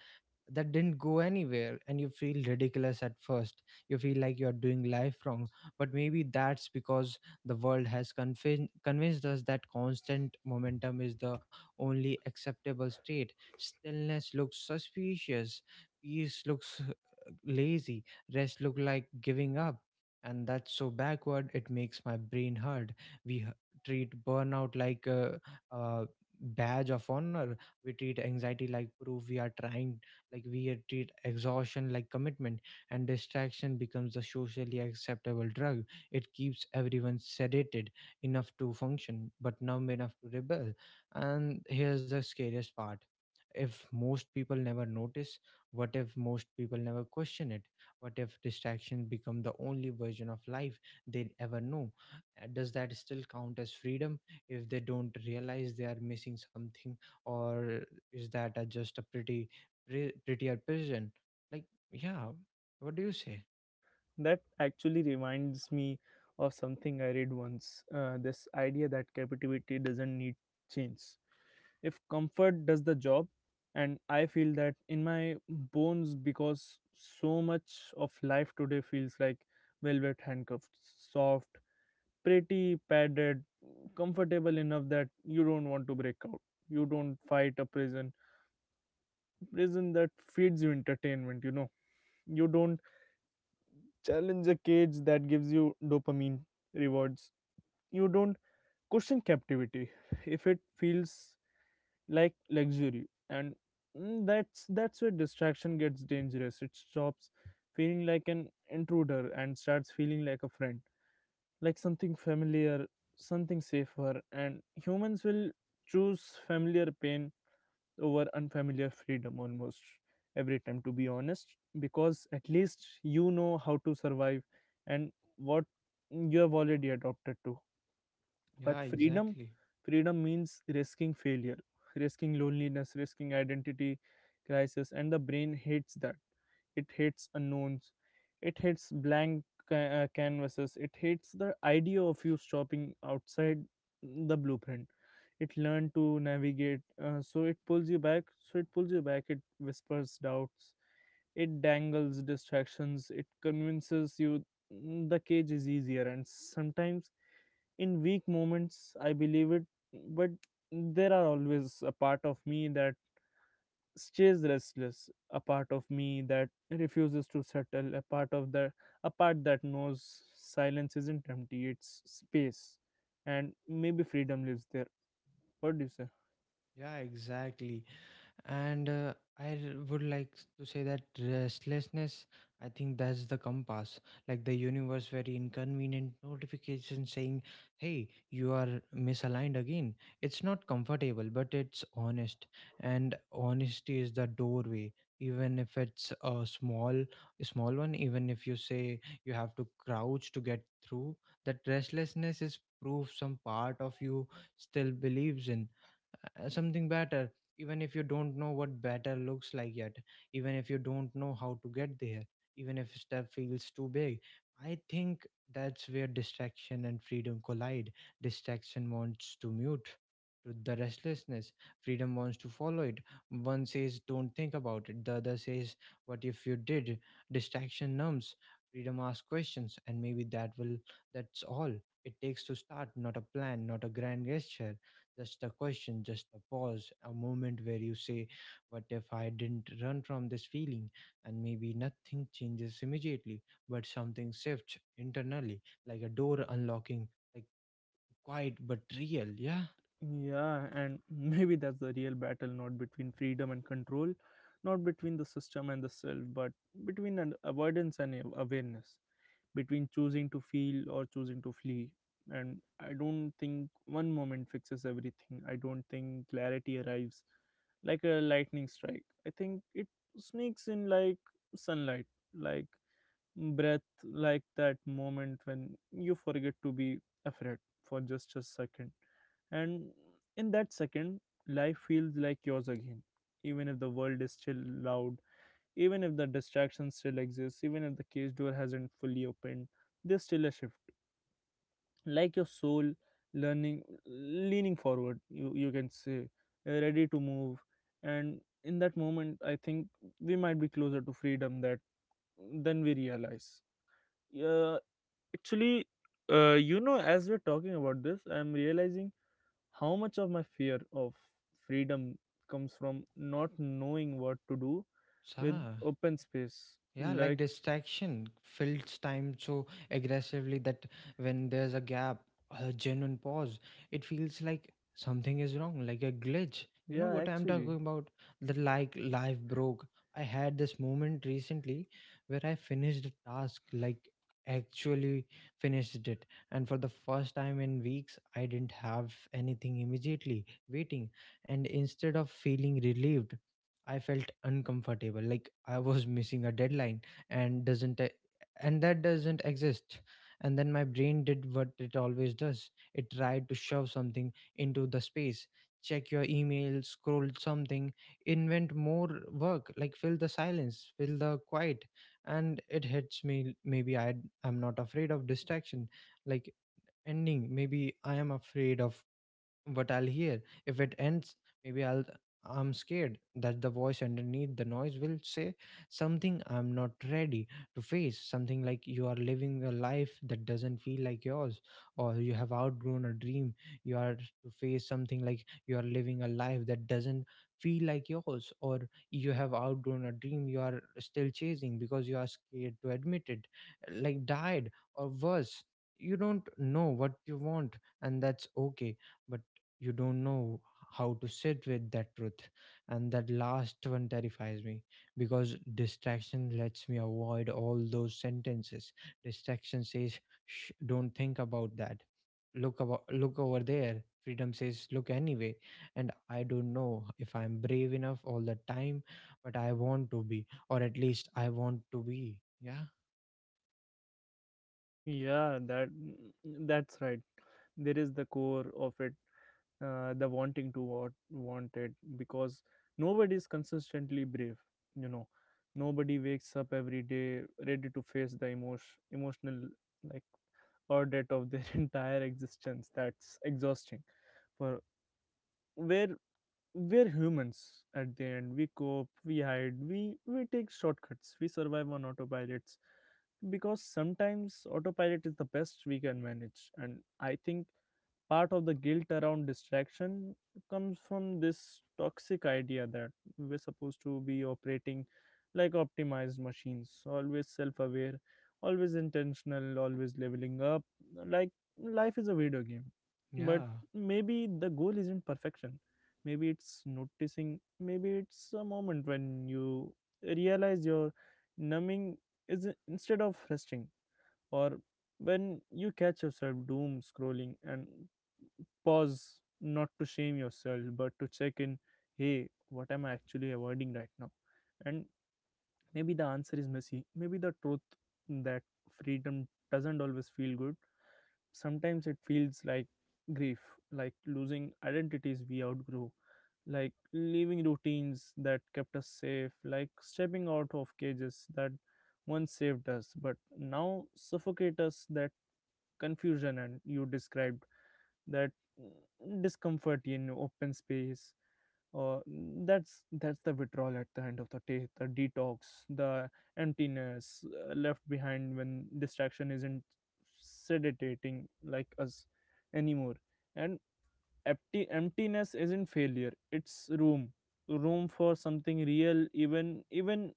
that didn't go anywhere. And you feel ridiculous at first, you feel like you're doing life wrong. But maybe that's because the world has convinced us that constant momentum is the only acceptable state. Stillness looks suspicious, peace looks lazy, rest look like giving up. And that's so backward it makes my brain hurt. We treat burnout like a badge of honor, we treat anxiety like proof we are trying, like we had treat exhaustion like commitment. And distraction becomes the socially acceptable drug. It keeps everyone sedated enough to function but numb enough to rebel. And here's the scariest part, if most people never notice, what if most people never question it? What if distraction become the only version of life they ever know? Does that still count as freedom if they don't realize they are missing something? Or is that just a pretty prettier person? Like, yeah, what do you say?
That actually reminds me of something I read once. This idea that creativity doesn't need change if comfort does the job. And I feel that in my bones, because so much of life today feels like velvet handcuffs. Soft, pretty, padded, comfortable enough that you don't want to break out. You don't fight a prison prison that feeds you entertainment. You don't challenge a cage that gives you dopamine rewards. You don't question captivity if it feels like luxury. And that's where distraction gets dangerous. It stops feeling like an intruder and starts feeling like a friend, like something familiar, something safer. And humans will choose familiar pain over unfamiliar freedom almost every time, to be honest, because at least you know how to survive and what you have already adopted to.
Yeah,
But freedom,
exactly.
freedom means risking failure, risking loneliness, risking identity crisis, and the brain hates that. It hates unknowns. It hates canvases. It hates the idea of you stopping outside the blueprint. It learned to navigate, so it pulls you back. It whispers doubts. It dangles distractions. It convinces you the cage is easier, and sometimes in weak moments I believe it. But there are always a part of me that stays restless, a part of me that refuses to settle, a part that knows silence isn't empty, it's space. And maybe freedom lives there. What do you say?
Yeah, exactly. And I would like to say that restlessness, I think that's the compass, like the universe very inconvenient notification saying, hey, you are misaligned again. It's not comfortable but it's honest. And honesty is the doorway, even if it's a small, a small one, even if you say you have to crouch to get through. That restlessness is proof some part of you still believes in something better, even if you don't know what better looks like yet, even if you don't know how to get there, even if step feels too big. I think that's where distraction and freedom collide. Distraction wants to mute to the restlessness. Freedom wants to follow it. One says don't think about it. The other says, what if you did? Distraction numbs. Freedom asks questions. And maybe that's all it takes to start, not a plan, not a grand gesture, just a question, just a pause, a moment where you say, what if I didn't run from this feeling? And maybe nothing changes immediately, but something shifts internally, like a door unlocking, like quiet but real. Yeah.
Yeah, and maybe that's the real battle. Not between freedom and control, not between the system and the self, but between an avoidance and awareness, between choosing to feel or choosing to flee. And I don't think one moment fixes everything. I don't think clarity arrives like a lightning strike. I think it sneaks in like sunlight, like breath, like that moment when you forget to be afraid for just a second. And in that second, life feels like yours again, even if the world is still loud, even if the distraction still exists, even if the cage door hasn't fully opened, there's still a shift. Like your soul learning leaning forward, you can say, ready to move. And in that moment I think we might be closer to freedom that than we realize. Yeah, actually, you know, as we're talking about this, I'm realizing how much of my fear of freedom comes from not knowing what to do with
Sa.
open space.
Yeah, like
Like,
distraction fills time so aggressively that when there's a gap, a genuine pause, it feels like something is wrong, like a glitch. You know
yeah,
what I'm talking
actually,
about? The like life broke. I had this moment recently where I finished a task, like actually finished it. And for the first time in weeks, I didn't have anything immediately waiting. And instead of feeling relieved, I felt uncomfortable, like I was missing a deadline and doesn't e- and that doesn't exist. And then my brain did what it always does. It tried to shove something into the space, check your email, scroll something, invent more work, like fill the silence, fill the quiet. And it hits me, maybe I'm not afraid of distraction, like ending. Maybe I am afraid of what I'll hear. If it ends, maybe I'm scared that the voice underneath the noise will say something I'm not ready to face, something like you are living a life that doesn't feel like yours, or you have outgrown a dream, you are to face something like you are living a life that doesn't feel like yours, or you have outgrown a dream you are still chasing because you are scared to admit it, like died, or worse, you don't know what you want, and that's okay. But you don't know how to sit with that truth. And that last one terrifies me because distraction lets me avoid all those sentences. Distraction says, shh, don't think about that, look about, look over there. Freedom says, look anyway. And I don't know if I'm brave enough all the time, but I want to be, or at least I want to be. Yeah.
yeah, that that's right. There is the core of it, the wanting to what want it, because nobody is consistently brave. You know, nobody wakes up every day ready to face the emotional like audit of their entire existence. That's exhausting. For where we're humans at the end, we cope, we hide, we take shortcuts, we survive on autopilots, because sometimes autopilot is the best we can manage. And I think part of the guilt around distraction comes from this toxic idea that we're supposed to be operating like optimized machines, always self-aware, always intentional, always leveling up, like life is a video game. But
Yeah,
maybe the goal isn't perfection. Maybe it's noticing. Maybe it's a moment when you realize you're numbing is instead of resting, or when you catch yourself doom scrolling and pause, not to shame yourself but to check in. Hey, what am I actually avoiding right now? And maybe the answer is messy. Maybe the truth that freedom doesn't always feel good. Sometimes it feels like grief, like losing identities we outgrew, like leaving routines that kept us safe, like stepping out of cages that once saved us but now suffocate us. That confusion and you described that discomfort in open space, uh, that's the withdrawal at the end of the day, the detox, the emptiness left behind when distraction isn't sedating like us anymore. And empty emptiness isn't failure, it's room. Room for something real,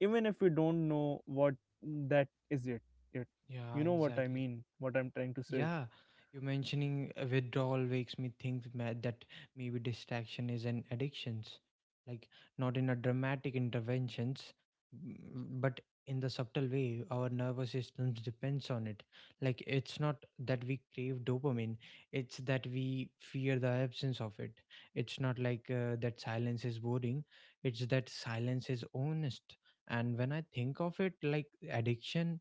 even if we don't know what that is yet.
yeah,
You know what I
exactly.
mean, what I'm trying to say.
Yeah, you mentioning withdrawal makes me think that maybe distraction is an addictions, like not in a dramatic interventions, but in the subtle way our nervous systems depends on it. Like it's not that we crave dopamine, it's that we fear the absence of it. It's not like that silence is boring, it's that silence is honest. And when I think of it like addiction,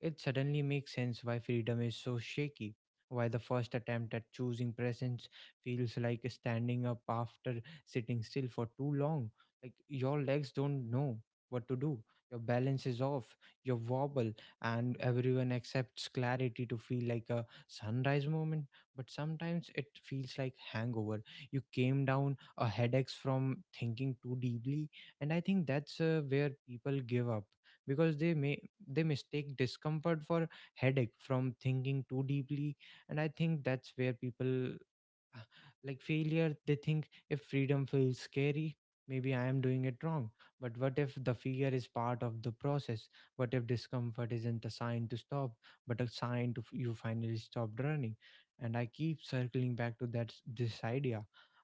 it suddenly makes sense why freedom is so shaky, why the first attempt at choosing presence feels like standing up after sitting still for too long. Like your legs don't know what to do, your balance is off, you wobble, and everyone accepts clarity to feel like a sunrise moment. But sometimes it feels like hangover. You came down a headaches from thinking too deeply, and I think that's where people give up because they mistake discomfort for headache from thinking too deeply and I think that's where people uh, like failure. They think if freedom feels scary, maybe I am doing it wrong. But what if the fear is part of the process? What if discomfort isn't a sign to stop, but a sign to you finally stopped running? And I keep circling back to this idea.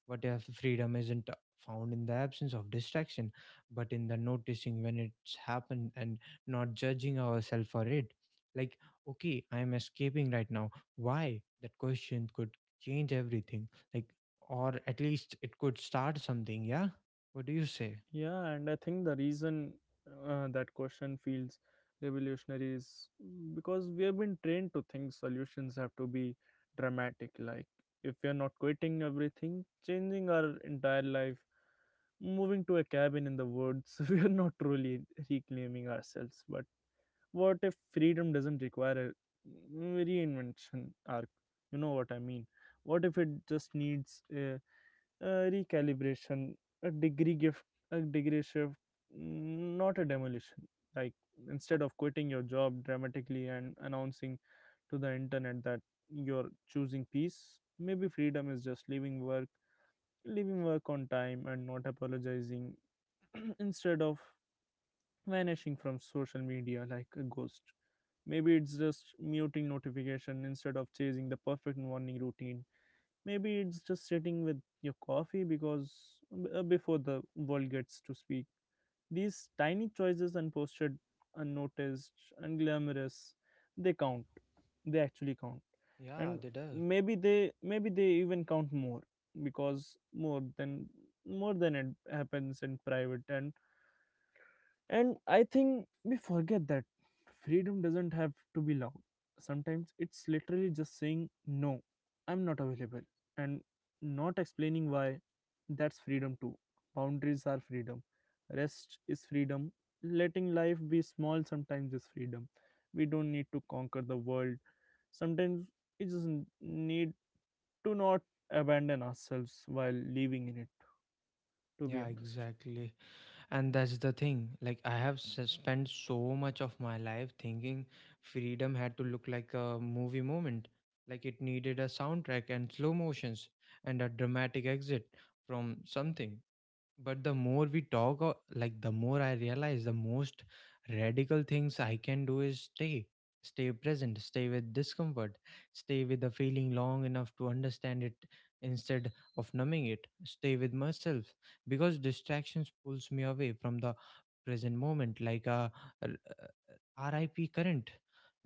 What if freedom isn't found in the absence of distraction, but in the noticing when it's happened and not judging ourselves for it? Like, okay, I am escaping right now. Why? That question could change everything, like, or at least it could start something. Yeah, what do you say?
Yeah, and I think the reason that question feels revolutionary is because we have been trained to think solutions have to be dramatic. Like, if we are not quitting everything, changing our entire life, moving to a cabin in the woods, we are not truly reclaiming ourselves. But what if freedom doesn't require a reinvention arc? You know what I mean. What if it just needs a recalibration, a degree gift, a degree shift, not a demolition? Like instead of quitting your job dramatically and announcing to the internet that you're choosing peace, maybe freedom is just leaving work on time and not apologizing instead of vanishing from social media like a ghost. Maybe it's just muting notification instead of chasing the perfect morning routine. Maybe it's just sitting with your coffee because before the world gets to speak. These tiny choices, unposted, unnoticed, unglamorous, they count. They actually count.
Yeah,
And
they do.
maybe they even count more because more than it happens in private. And I think we forget that freedom doesn't have to be loud. Sometimes it's literally just saying, no, I'm not available, and not explaining why. That's freedom too. Boundaries are freedom. Rest is freedom. Letting life be small sometimes is freedom. We don't need to conquer the world. Sometimes we just need to not abandon ourselves while living in it, to be
Yeah,
honest.
exactly. And that's the thing, like I have spent so much of my life thinking freedom had to look like a movie moment, like it needed a soundtrack and slow motions and a dramatic exit from something. But the more we talk, like the more I realize the most radical things I can do is stay, stay present, stay with discomfort, stay with the feeling long enough to understand it instead of numbing it, stay with myself, because distractions pulls me away from the present moment like a RIP current.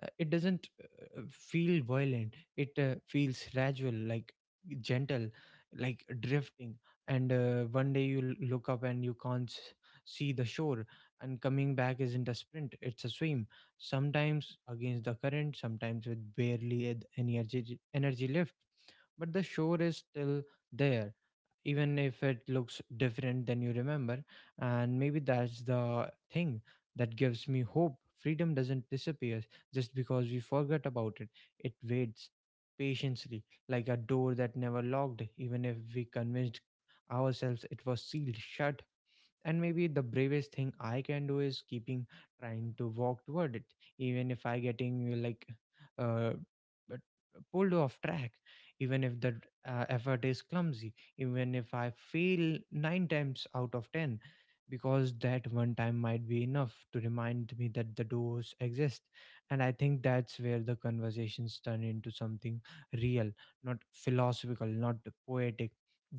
It doesn't feel violent. It feels gradual, like gentle, like drifting. And one day you look up and you can't see the shore. And coming back isn't a sprint; it's a swim. Sometimes against the current, sometimes with barely any energy left. But the shore is still there, even if it looks different than you remember. And maybe that's the thing that gives me hope. Freedom doesn't disappear just because we forget about it. It waits patiently, like a door that never locked, even if we convinced ourselves it was sealed shut. And maybe the bravest thing I can do is keeping trying to walk toward it, even if I getting uh pulled off track, even if the effort is clumsy, even if I fail 9 times out of 10, because that one time might be enough to remind me that the doors exist. And I think that's where the conversations turn into something real. Not philosophical, not poetic,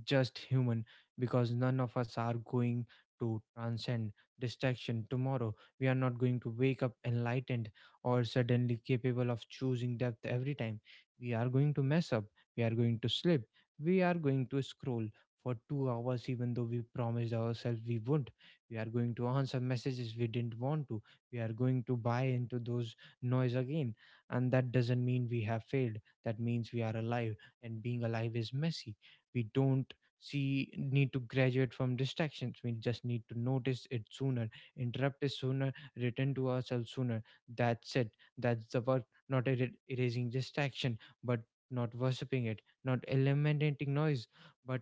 just human, because none of us are going to transcend distraction. Tomorrow, we are not going to wake up enlightened or suddenly capable of choosing depth every time. We are going to mess up, we are going to slip, we are going to scroll for 2 hours, even though we promised ourselves we wouldn't. We are going to answer messages we didn't want to, we are going to buy into those noise again. And that doesn't mean we have failed, that means we are alive, and being alive is messy. We don't she need to graduate from distractions, we just need to notice it sooner, interrupt it sooner, return to ourselves sooner. That's it, that's the work. Not erasing distraction, but not worshipping it, not eliminating noise, but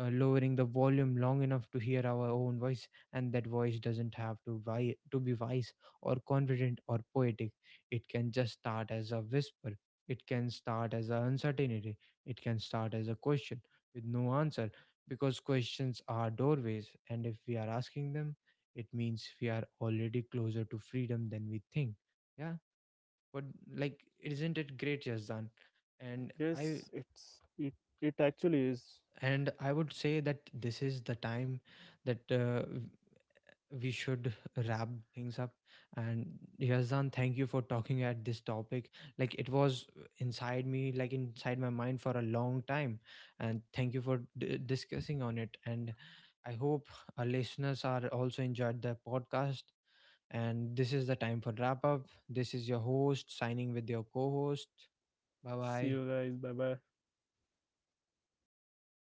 lowering the volume long enough to hear our own voice. And that voice doesn't have to be wise or confident or poetic. It can just start as a whisper, it can start as an uncertainty, it can start as a question with no answer, because questions are doorways, and if we are asking them, it means we are already closer to freedom than we think. Yeah, but like, isn't it great, Yazdan? And I
Yes, it actually is.
and I would say that this is the time that we should wrap things up. And Yazdan, thank you for talking at this topic, like it was inside me, like inside my mind for a long time, and thank you for discussing on it. And I hope our listeners are also enjoyed the podcast, and this is the time for wrap up. This is your host signing with your co-host. Bye
See
bye.
you guys. Bye bye.